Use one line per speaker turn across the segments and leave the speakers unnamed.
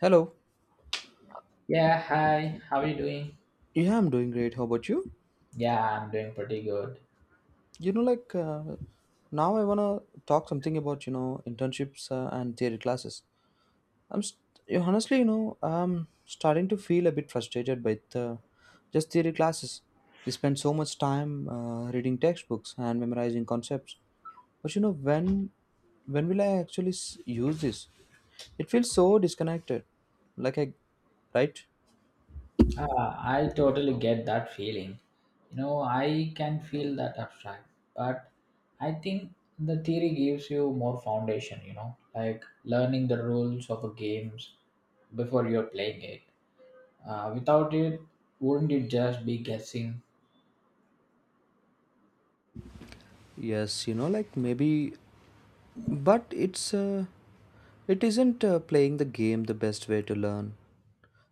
Hello.
Yeah, hi. How are you doing?
Yeah, I'm doing great. How about you?
Yeah, I'm doing pretty good.
You know, like Now I wanna talk something about internships and theory classes. I'm st- you- honestly, you know, I'm starting to feel a bit frustrated by the just theory classes. We spend so much time reading textbooks and memorizing concepts, but when will I actually use this? It feels so disconnected. Like I, right?
I totally get that feeling. You know, I can feel that abstract, but I think the theory gives you more foundation, you know, like learning the rules of a games before you're playing it. Without it, wouldn't it just be guessing?
Yes, you know, like maybe, but it isn't playing the game the best way to learn.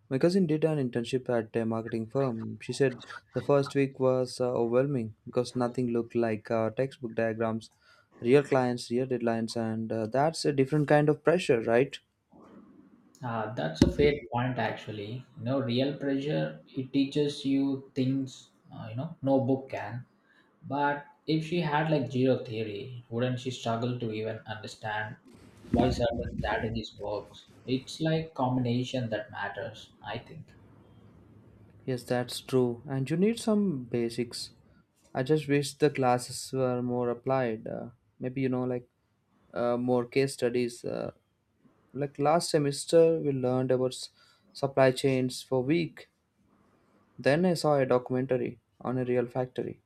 My cousin did an internship at a marketing firm. She said the first week was overwhelming because nothing looked like textbook diagrams, real clients, real deadlines, and that's a different kind of pressure, right?
That's a fair point, actually. You know, real pressure, it teaches you things, you know, no book can. But if she had like zero theory, wouldn't she struggle to even understand why certain strategies works? It's like combination that matters, I think.
Yes, that's true. And you need some basics. I just wish the classes were more applied. Maybe, you know, like more case studies. Like last semester, we learned about supply chains for week. Then I saw a documentary on a real factory,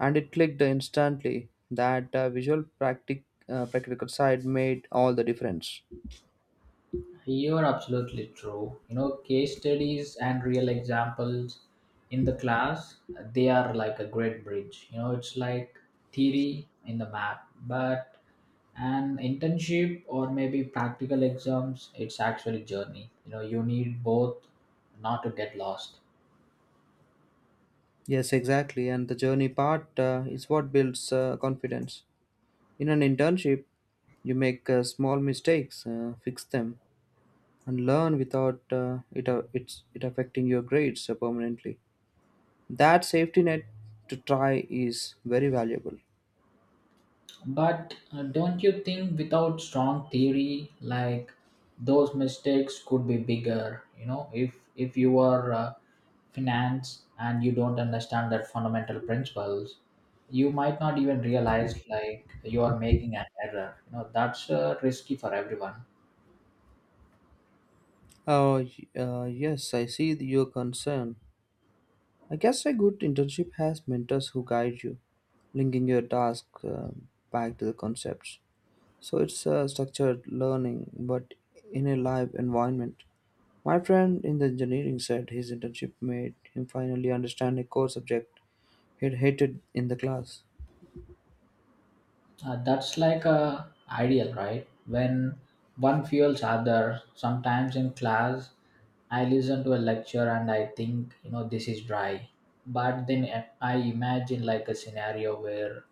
and it clicked instantly that the practical side made all the difference.
You're absolutely true. You know, case studies and real examples in the class, they are like a great bridge. You know, it's like theory in the map, but an internship or maybe practical exams, it's actually journey. You know, you need both not to get lost.
Yes, exactly. And the journey part is what builds confidence. In an internship, you make small mistakes, fix them, and learn without it affecting your grades permanently. That safety net to try is very valuable.
But don't you think without strong theory, like those mistakes could be bigger? You know, if you are finance and you don't understand that fundamental principles, you might not even realize like you are making an error. You know, that's risky for everyone.
Yes, I see your concern. I guess a good internship has mentors who guide you, linking your task back to the concepts. So it's a structured learning, but in a live environment. My friend in the engineering said his internship made him finally understand a core subject he'd hated in the class.
That's like a ideal, right? When one fuels other. Sometimes in class, I listen to a lecture and I think, you know, this is dry. But then I imagine like a scenario where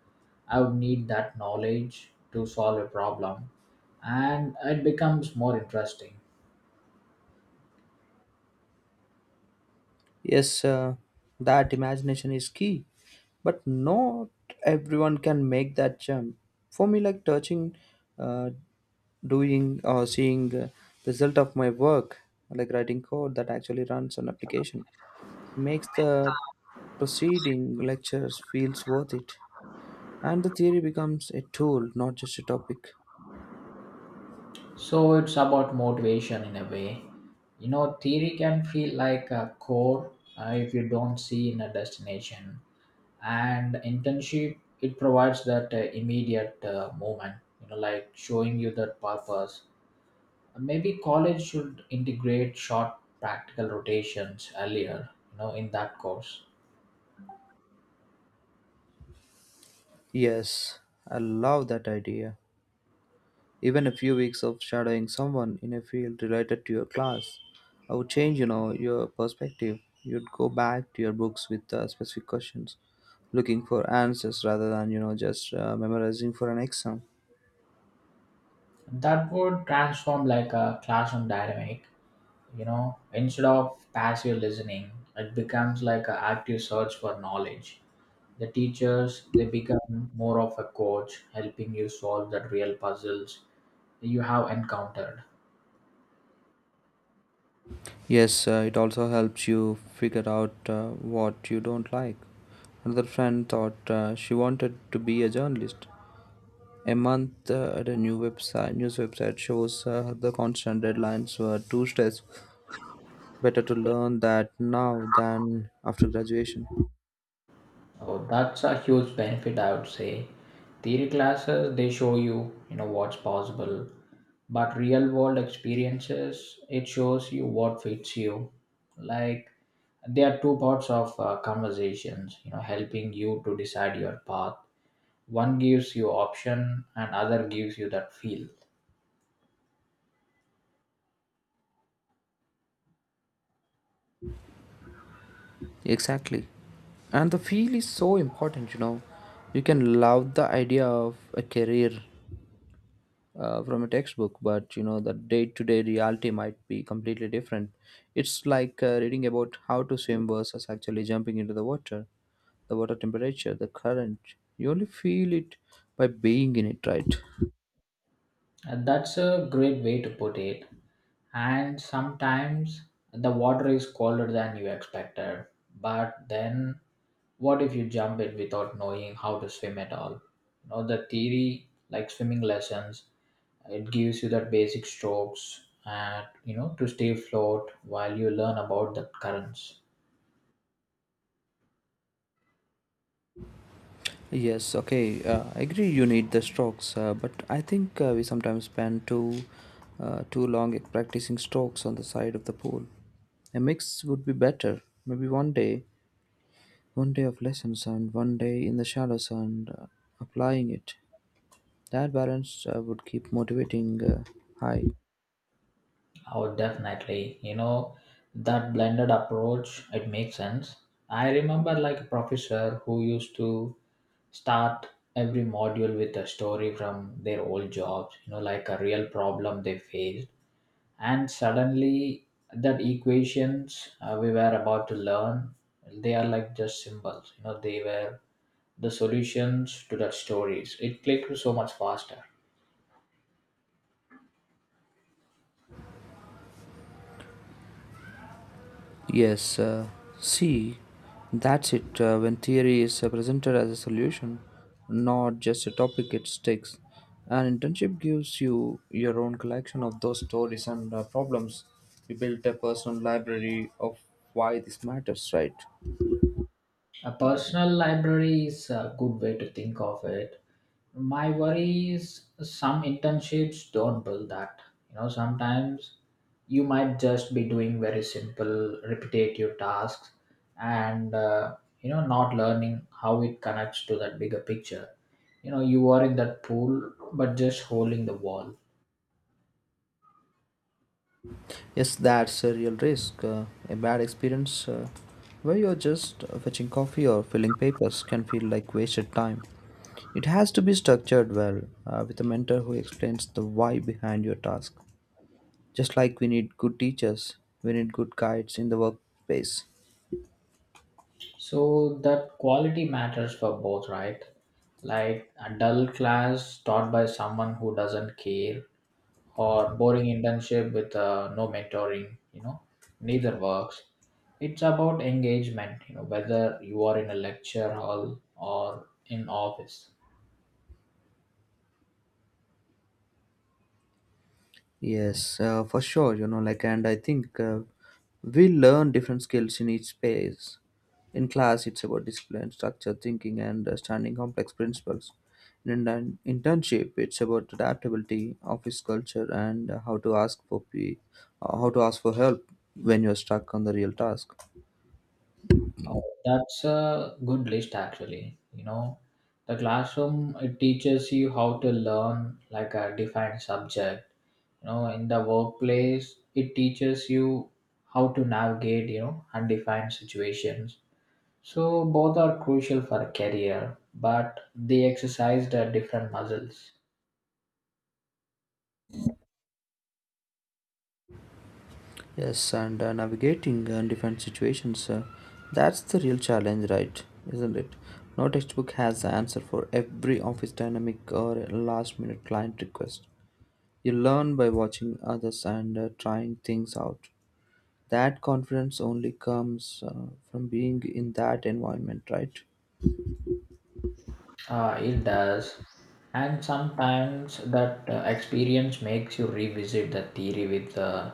I would need that knowledge to solve a problem, and it becomes more interesting.
Yes, that imagination is key, but not everyone can make that jump. For me, like touching, uh, doing, or seeing the result of my work, like writing code that actually runs an application, makes the proceeding lectures feels worth it, and the theory becomes a tool, not just a topic.
So it's about motivation in a way. You know, theory can feel like a core if you don't see in a destination. And internship it provides that immediate moment, you know, like showing you that purpose. Maybe college should integrate short practical rotations earlier, you know, in that course.
Yes, I love that idea. Even a few weeks of shadowing someone in a field related to your class I would change, you know, your perspective. You'd go back to your books with specific questions, looking for answers rather than, you know, just memorizing for an exam.
That would transform like a classroom dynamic, you know, instead of passive listening it becomes like an active search for knowledge. The teachers they become more of a coach helping you solve the real puzzles you have encountered.
Yes, it also helps you figure out what you don't like. Another friend thought she wanted to be a journalist. A month at a new website, news website shows the constant deadlines were too stressful. Better to learn that now than after graduation.
Oh, that's a huge benefit, I would say. Theory classes, they show you, you know, what's possible. But real world experiences, it shows you what fits you. Like, there are two parts of conversations, you know, helping you to decide your path. One gives you option and other gives you that feel.
Exactly. And the feel is so important, you know. You can love the idea of a career from a textbook, but you know, the day to day reality might be completely different. It's like reading about how to swim versus actually jumping into the water temperature, the current. You only feel it by being in it, right?
That's a great way to put it. And sometimes the water is colder than you expected. But then, what if you jump in without knowing how to swim at all? You know, the theory, like swimming lessons, it gives you that basic strokes and you know to stay afloat while you learn about the currents.
Yes, okay. I agree you need the strokes, but I think we sometimes spend too long at practicing strokes on the side of the pool. A mix would be better. Maybe one day of lessons and one day in the shallows and applying it. That balance would keep motivating high.
Oh, definitely. You know, that blended approach, it makes sense. I remember like a professor who used to start every module with a story from their old jobs, you know, like a real problem they faced. And suddenly, that equations we were about to learn, they are like just symbols, you know, they were the solutions to that stories. It clicked so much faster.
Yes, see, that's it. When theory is presented as a solution, not just a topic, it sticks. An internship gives you your own collection of those stories and problems. You build a personal library of why this matters, right?
A personal library is a good way to think of it. My worry is some internships don't build that. You know, sometimes you might just be doing very simple, repetitive tasks and, you know, not learning how it connects to that bigger picture. You know, you are in that pool, but just holding the wall.
Yes, that's a real risk. A bad experience where you're just fetching coffee or filling papers can feel like wasted time. It has to be structured well with a mentor who explains the why behind your task. Just like we need good teachers, we need good guides in the workplace.
So that quality matters for both, right? Like a dull class taught by someone who doesn't care, or boring internship with no mentoring, you know, neither works. It's about engagement, you know, whether you are in a lecture hall or in office.
Yes, for sure. You know, like, and I think we learn different skills in each space. In class, it's about discipline, structure, thinking, and understanding complex principles. In internship, it's about adaptability, office culture, and how to ask for help when you're stuck on the real task.
Oh, that's a good list, actually. You know, the classroom it teaches you how to learn like a defined subject. You know, in the workplace it teaches you how to navigate, you know, undefined situations. So both are crucial for a career, but they exercised the different muscles.
Yes, and navigating different situations, that's the real challenge, right? Isn't it? No textbook has the answer for every office dynamic or last minute client request. You learn by watching others and trying things out. That confidence only comes from being in that environment, right?
Ah, it does. And sometimes that experience makes you revisit the theory with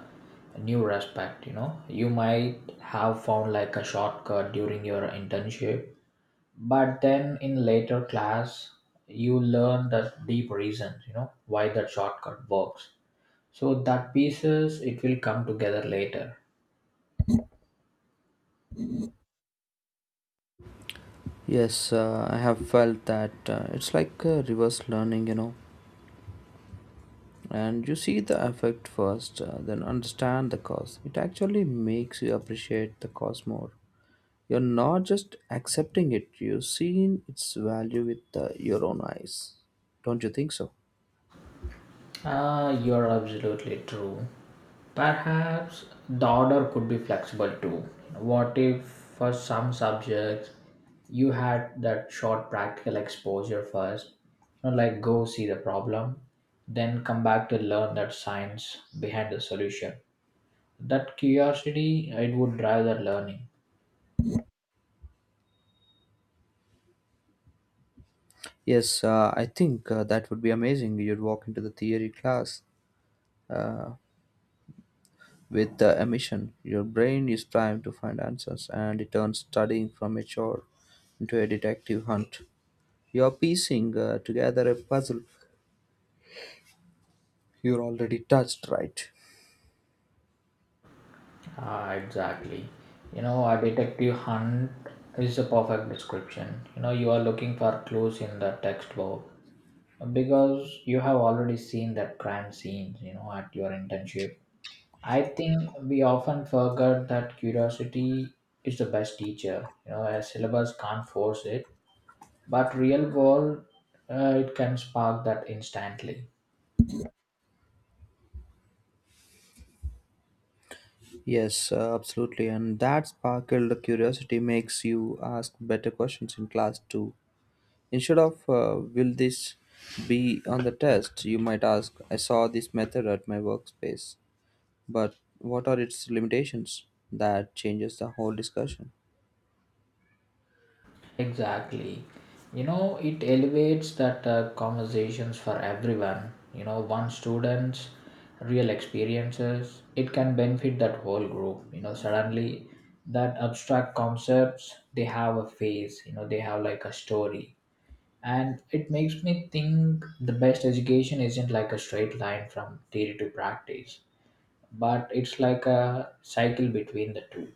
new respect. You know, you might have found like a shortcut during your internship, but then in later class, you learn the deep reasons, you know, why that shortcut works. So that pieces, it will come together later.
Yes, I have felt that it's like reverse learning, you know. And you see the effect first, then understand the cause. It actually makes you appreciate the cause more. You're not just accepting it, you're seeing its value with your own eyes. Don't you think so?
You're absolutely true. Perhaps the order could be flexible too. What if, for some subjects, you had that short practical exposure first, you know, like go see the problem, then come back to learn that science behind the solution. That curiosity, it would drive that learning.
Yes, I think that would be amazing. You'd walk into the theory class with a mission. Your brain is primed to find answers, and it turns studying from a chore into a detective hunt. You're piecing together a puzzle you're already touched, right?
Ah, exactly. You know, a detective hunt is the perfect description. You know, you are looking for clues in the textbook because you have already seen that crime scene, you know, at your internship. I think we often forget that curiosity is the best teacher. You know, a syllabus can't force it, but real world, it can spark that instantly.
Yes, absolutely. And that sparkled curiosity makes you ask better questions in class too. Instead of, will this be on the test, you might ask, I saw this method at my workspace, but what are its limitations? That changes the whole discussion.
Exactly. You know, it elevates that conversations for everyone. You know, one student's real experiences, it can benefit that whole group. You know, suddenly that abstract concepts, they have a face, you know, they have like a story. And it makes me think the best education isn't like a straight line from theory to practice, but it's like a cycle between the two.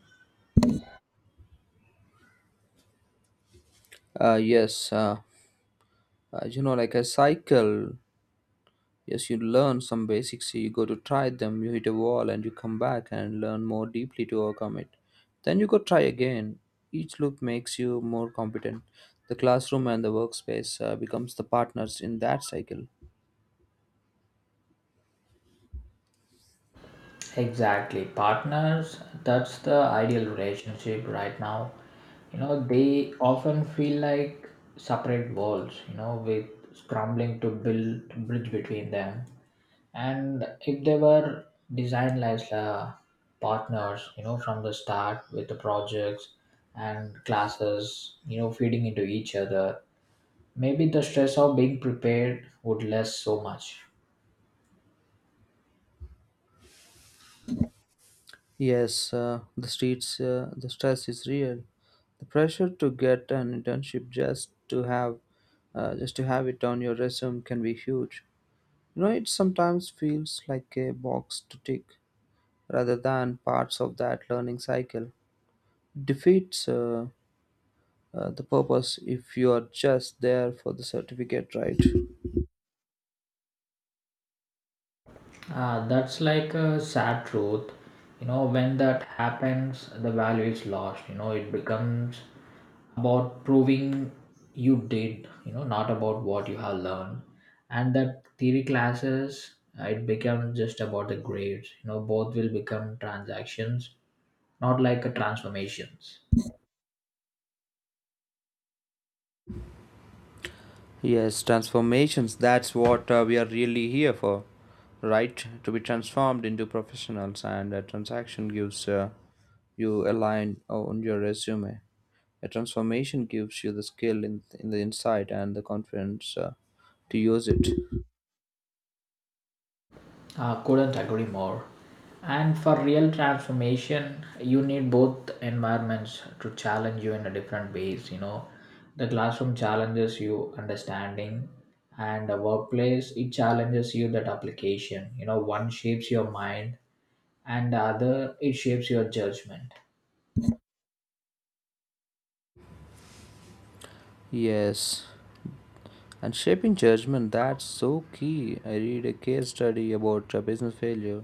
Uh, yes, uh, you know, like a cycle. Yes, you learn some basics, you go to try them, you hit a wall and you come back and learn more deeply to overcome it. Then you go try again. Each loop makes you more competent. The classroom and the workspace becomes the partners in that cycle.
Exactly. Partners, that's the ideal relationship right now. You know, they often feel like separate worlds, you know, with scrambling to build bridge between them. And if they were designed as partners, you know, from the start with the projects and classes, you know, feeding into each other, maybe the stress of being prepared would less so much.
Yes, the stress is real. The pressure to get an internship just to have it on your resume can be huge. You know, it sometimes feels like a box to tick rather than parts of that learning cycle. Defeats the purpose if you are just there for the certificate, right?
Ah, that's like a sad truth. You know, when that happens, the value is lost. You know, it becomes about proving you did, you know, not about what you have learned. And that theory classes, it becomes just about the grades. You know, both will become transactions, not like a transformations.
Yes, transformations. That's what we are really here for, right? To be transformed into professionals, and a transaction gives you a line on your resume. A transformation gives you the in the insight and the confidence to use it.
Couldn't agree more. And for real transformation, you need both environments to challenge you in a different ways. You know, the classroom challenges you understanding, and the workplace it challenges you that application. You know, one shapes your mind, and the other it shapes your judgment.
Yes, and shaping judgment, that's so key. I read a case study about a business failure.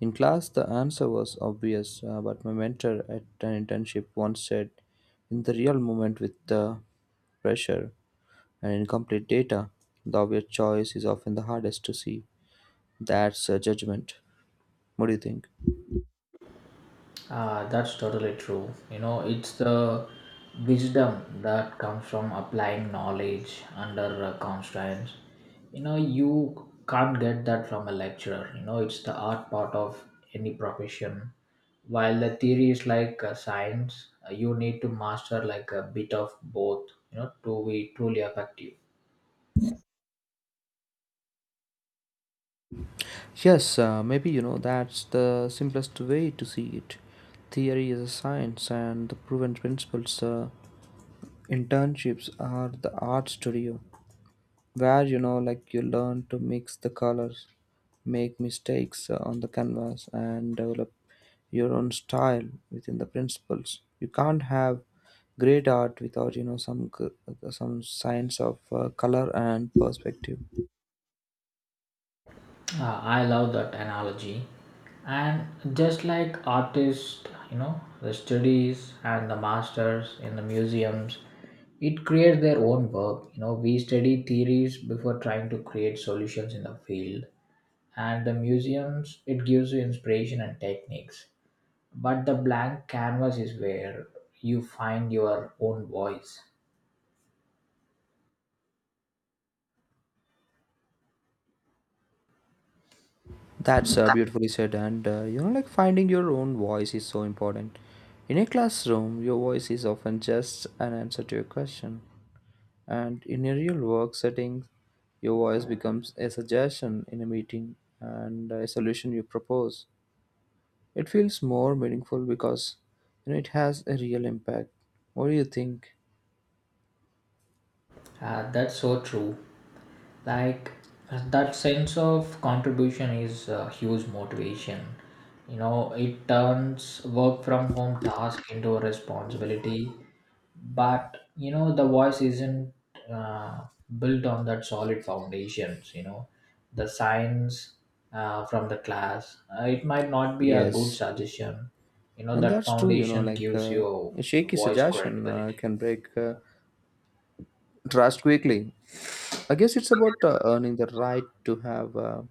In class, the answer was obvious, but my mentor at an internship once said, in the real moment with the pressure and incomplete data, the obvious choice is often the hardest to see. That's a judgment. What do you think?
Ah, that's totally true. You know, it's the wisdom that comes from applying knowledge under constraints. You know, you can't get that from a lecturer. You know, it's the art part of any profession. While the theory is like science, you need to master like a bit of both, you know, to be truly effective.
Yes, maybe you know that's the simplest way to see it. Theory is a science, and the proven principles. Internships are the art studio, where you know like you learn to mix the colors, make mistakes on the canvas and develop your own style within the principles. You can't have great art without you know some science of color and perspective.
I love that analogy. And just like artists, you know, the studies and the masters in the museums, it creates their own work. You know, we study theories before trying to create solutions in the field. And the museums, it gives you inspiration and techniques. But the blank canvas is where you find your own voice.
That's beautifully said, and you know like finding your own voice is so important. In a classroom your voice is often just an answer to a question. And in a real work setting, your voice becomes a suggestion in a meeting and a solution you propose. It feels more meaningful because you know it has a real impact. What do you think?
That's so true. Like that sense of contribution is a huge motivation. You know, it turns work from home task into a responsibility, but you know the voice isn't uh, built on that solid foundations. You know, the science from the class, it might not be a good
Yes,
suggestion. You know,
and
that
that's true. You know,
foundation
like
gives you
a shaky
voice
suggestion
credibility.
can break trust quickly. I guess it's about earning the right to have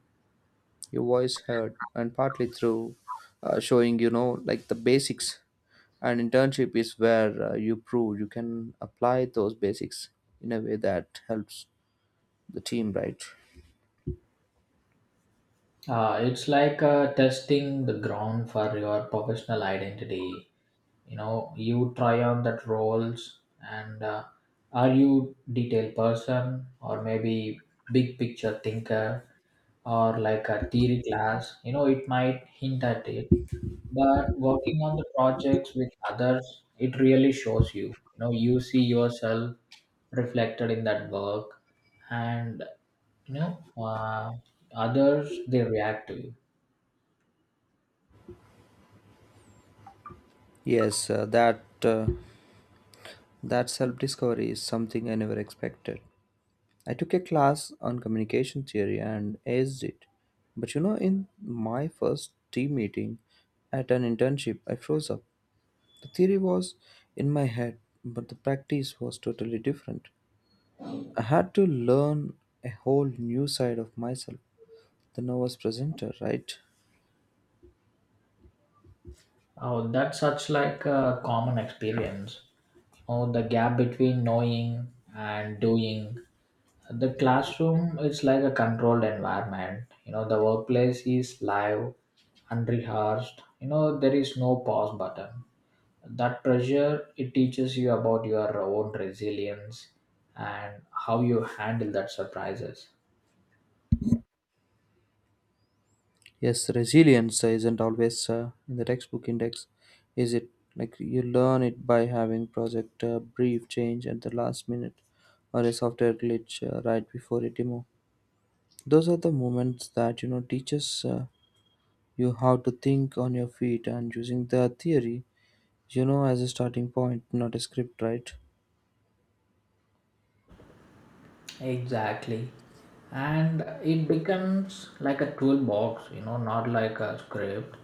your voice heard, and partly through showing you know like the basics. And internship is where you prove you can apply those basics in a way that helps the team, right?
It's like testing the ground for your professional identity. You know, you try on that roles, and are you detail person or maybe big picture thinker, or like a theory class? You know, it might hint at it, but working on the projects with others, it really shows you. You know, you see yourself reflected in that work, and you know, others they react to you.
Yes, that self-discovery is something I never expected. I took a class on communication theory and aced it. But you know, in my first team meeting at an internship, I froze up. The theory was in my head, but the practice was totally different. I had to learn a whole new side of myself, the novice presenter, right?
Oh, that's such like a common experience. You know, the gap between knowing and doing. The classroom is like a controlled environment. You know, the workplace is live, unrehearsed. You know, there is no pause button. That pressure it teaches you about your own resilience and how you handle that surprises.
Yes, resilience isn't always in the textbook index, is it? Like you learn it by having project brief change at the last minute, or a software glitch right before a demo. Those are the moments that you know teaches you how to think on your feet and using the theory, you know, as a starting point, not a script, right?
Exactly. And it becomes like a toolbox, you know, not like a script.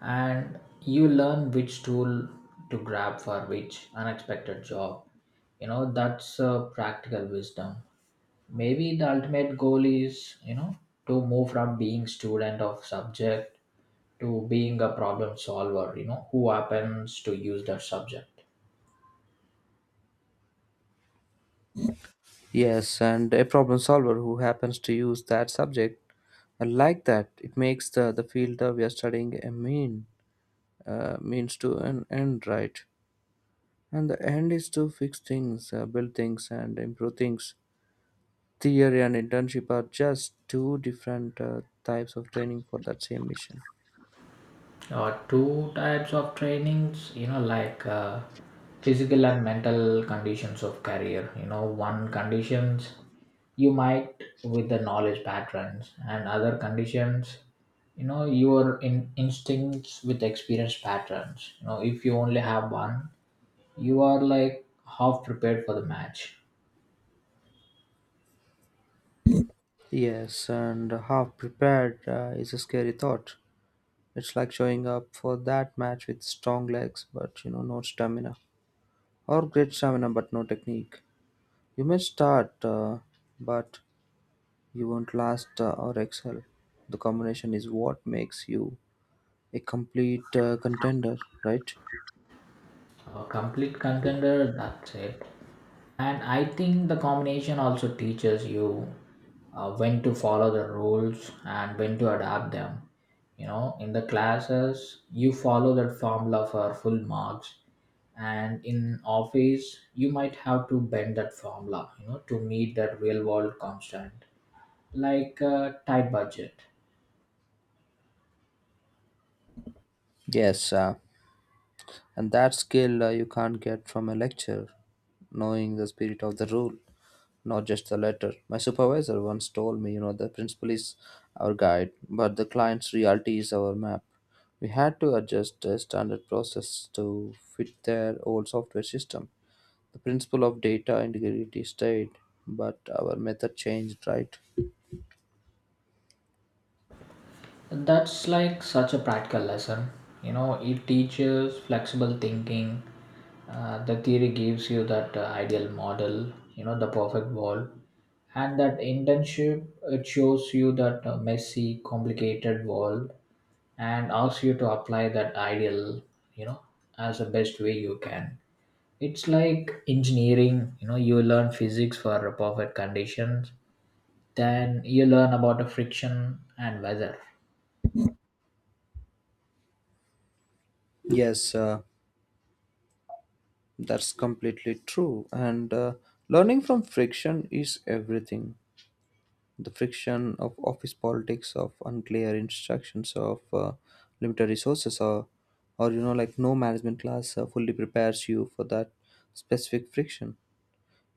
And you learn which tool to grab for which unexpected job. You know, that's practical wisdom. Maybe the ultimate goal is, you know, to move from being student of subject to being a problem solver, you know, who happens to use that subject.
Yes, and a problem solver who happens to use that subject. I like that. It makes the field that we are studying a mean means to an end, right? And the end is to fix things, build things, and improve things. Theory and internship are just two different types of training for that same mission.
Two types of trainings, you know, like, physical and mental conditions of career. You know, one conditions you might with the knowledge patterns, and other conditions, you know, your instincts with experience patterns. You know, if you only have one, you are like half prepared for the match.
Yes, and half prepared is a scary thought. It's like showing up for that match with strong legs, but you know, no stamina, or great stamina, but no technique. You may start, but you won't last or excel. The combination is what makes you a complete contender, right?
A complete contender, that's it. And I think the combination also teaches you when to follow the rules and when to adapt them. You know, in the classes you follow that formula for full marks, and in office you might have to bend that formula, you know, to meet that real world constant, like a tight budget.
Yes, and that skill you can't get from a lecture, knowing the spirit of the rule, not just the letter. My supervisor once told me, you know, the principle is our guide, but the client's reality is our map. We had to adjust the standard process to fit their old software system. The principle of data integrity stayed, but our method changed, right?
That's like such a practical lesson. You know, it teaches flexible thinking. The theory gives you that ideal model, you know, the perfect world. And that internship, it shows you that messy, complicated world and asks you to apply that ideal, you know, as the best way you can. It's like engineering, you know, you learn physics for perfect conditions, then you learn about the friction and weather.
Yes, that's completely true. And learning from friction is everything. The friction of office politics, of unclear instructions, of limited resources, or you know, like no management class fully prepares you for that specific friction.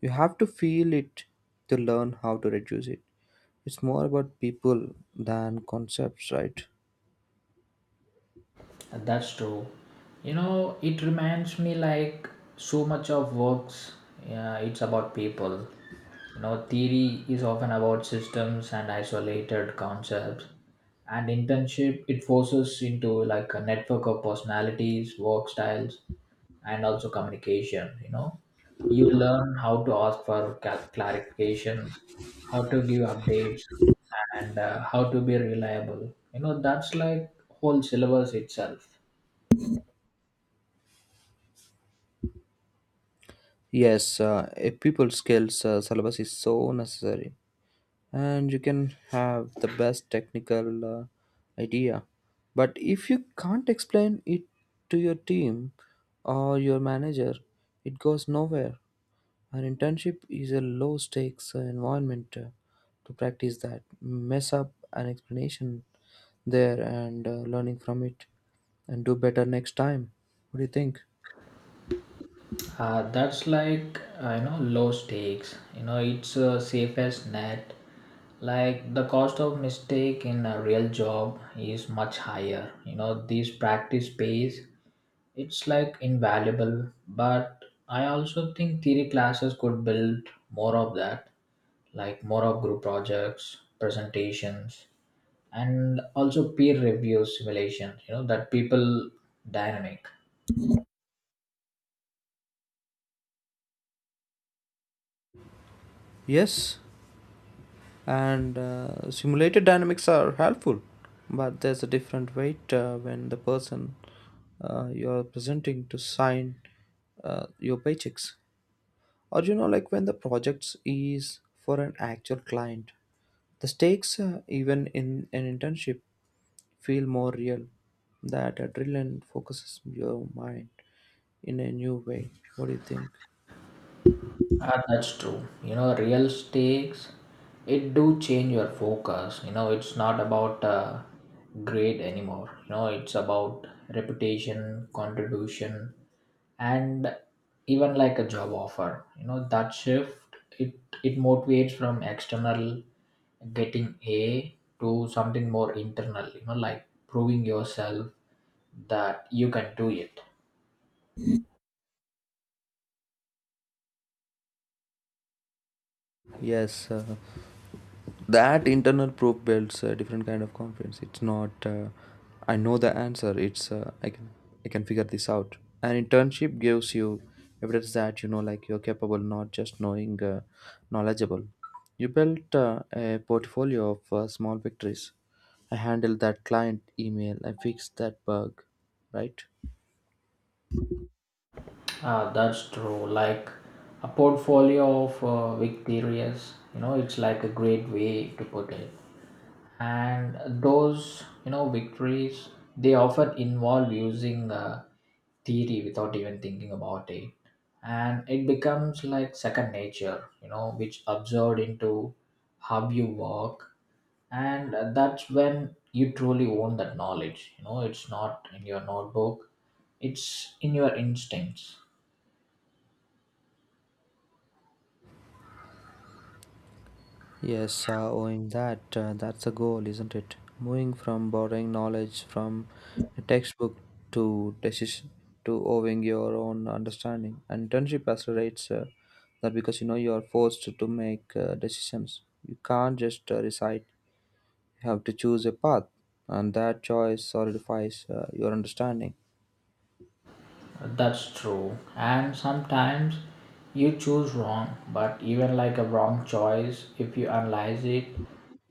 You have to feel it to learn how to reduce it. It's more about people than concepts, right?
That's true. You know, it reminds me like so much of works, yeah, it's about people. You know, theory is often about systems and isolated concepts. And internship, it forces into like a network of personalities, work styles, and also communication. You know, you learn how to ask for clarification, how to give updates, and how to be reliable. You know, that's like whole syllabus itself.
Yes, a people skills syllabus is so necessary. And you can have the best technical idea, but if you can't explain it to your team or your manager, it goes nowhere. An internship is a low stakes environment to practice, that mess up an explanation there, and learning from it and do better next time. What do you think?
That's like, you know, low stakes. You know, it's a safest net. Like the cost of mistake in a real job is much higher. You know these practice pays. It's like invaluable. But I also think theory classes could build more of that, like more of group projects, presentations, and also peer review simulations. You know that people dynamic.
Yes, and simulated dynamics are helpful, but there's a different weight when the person you're presenting to sign your paychecks, or you know, like when the projects is for an actual client, the stakes even in an internship feel more real. That adrenaline focuses your mind in a new way. What do you think?
Ah, that's true. You know, real stakes, it do change your focus. You know, it's not about grade anymore. You know, it's about reputation, contribution, and even like a job offer. You know, that shift it motivates from external getting A to something more internal. You know, like proving yourself that you can do it.
Yes, that internal probe builds a different kind of confidence. It's not I know the answer, it's I can, I can figure this out. An internship gives you evidence that you know, like, you're capable, not just knowing knowledgeable. You built a portfolio of small victories. I handled that client email, I fixed that bug, right?
Ah, that's true. Like a portfolio of victorious, you know, it's like a great way to put it. And those, you know, victories, they often involve using theory without even thinking about it. And it becomes like second nature, you know, which absorbed into how you work. And that's when you truly own that knowledge. You know, it's not in your notebook, it's in your instincts.
Yes, owing that, that's the goal, isn't it? Moving from borrowing knowledge from a textbook to decision to owing your own understanding. And internship accelerates that, because you know, you are forced to make decisions. You can't just recite. You have to choose a path, and that choice solidifies your understanding.
That's true. And sometimes you choose wrong, but even like a wrong choice, if you analyze it,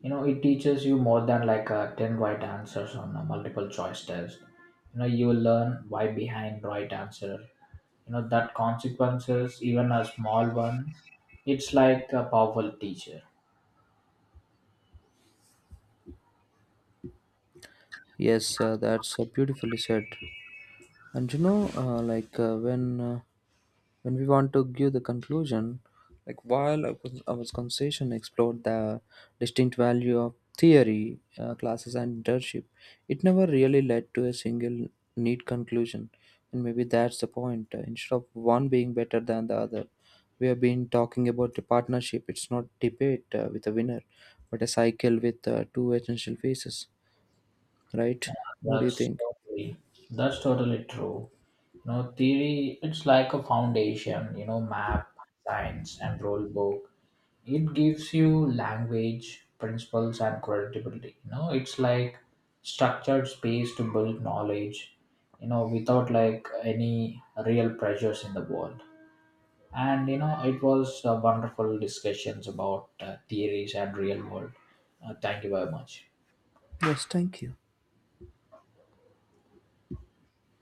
you know, it teaches you more than like a 10 right answers on a multiple choice test. You know, you will learn why behind right answer. You know, that consequences, even a small one, it's like a powerful teacher.
Yes, that's beautifully said. And you know, when we want to give the conclusion, like while our conversation explored the distinct value of theory, classes, and internship, it never really led to a single neat conclusion. And maybe that's the point. Instead of one being better than the other, we have been talking about the partnership. It's not debate with a winner, but a cycle with two essential phases, right? What do you
That's
think?
totally, that's totally true. You know, theory, it's like a foundation, you know, map, science, and rule book. It gives you language principles and credibility. You know, it's like structured space to build knowledge, you know, without like any real pressures in the world. And you know it was wonderful discussions about theories and real world. Thank you very much.
Yes, thank you.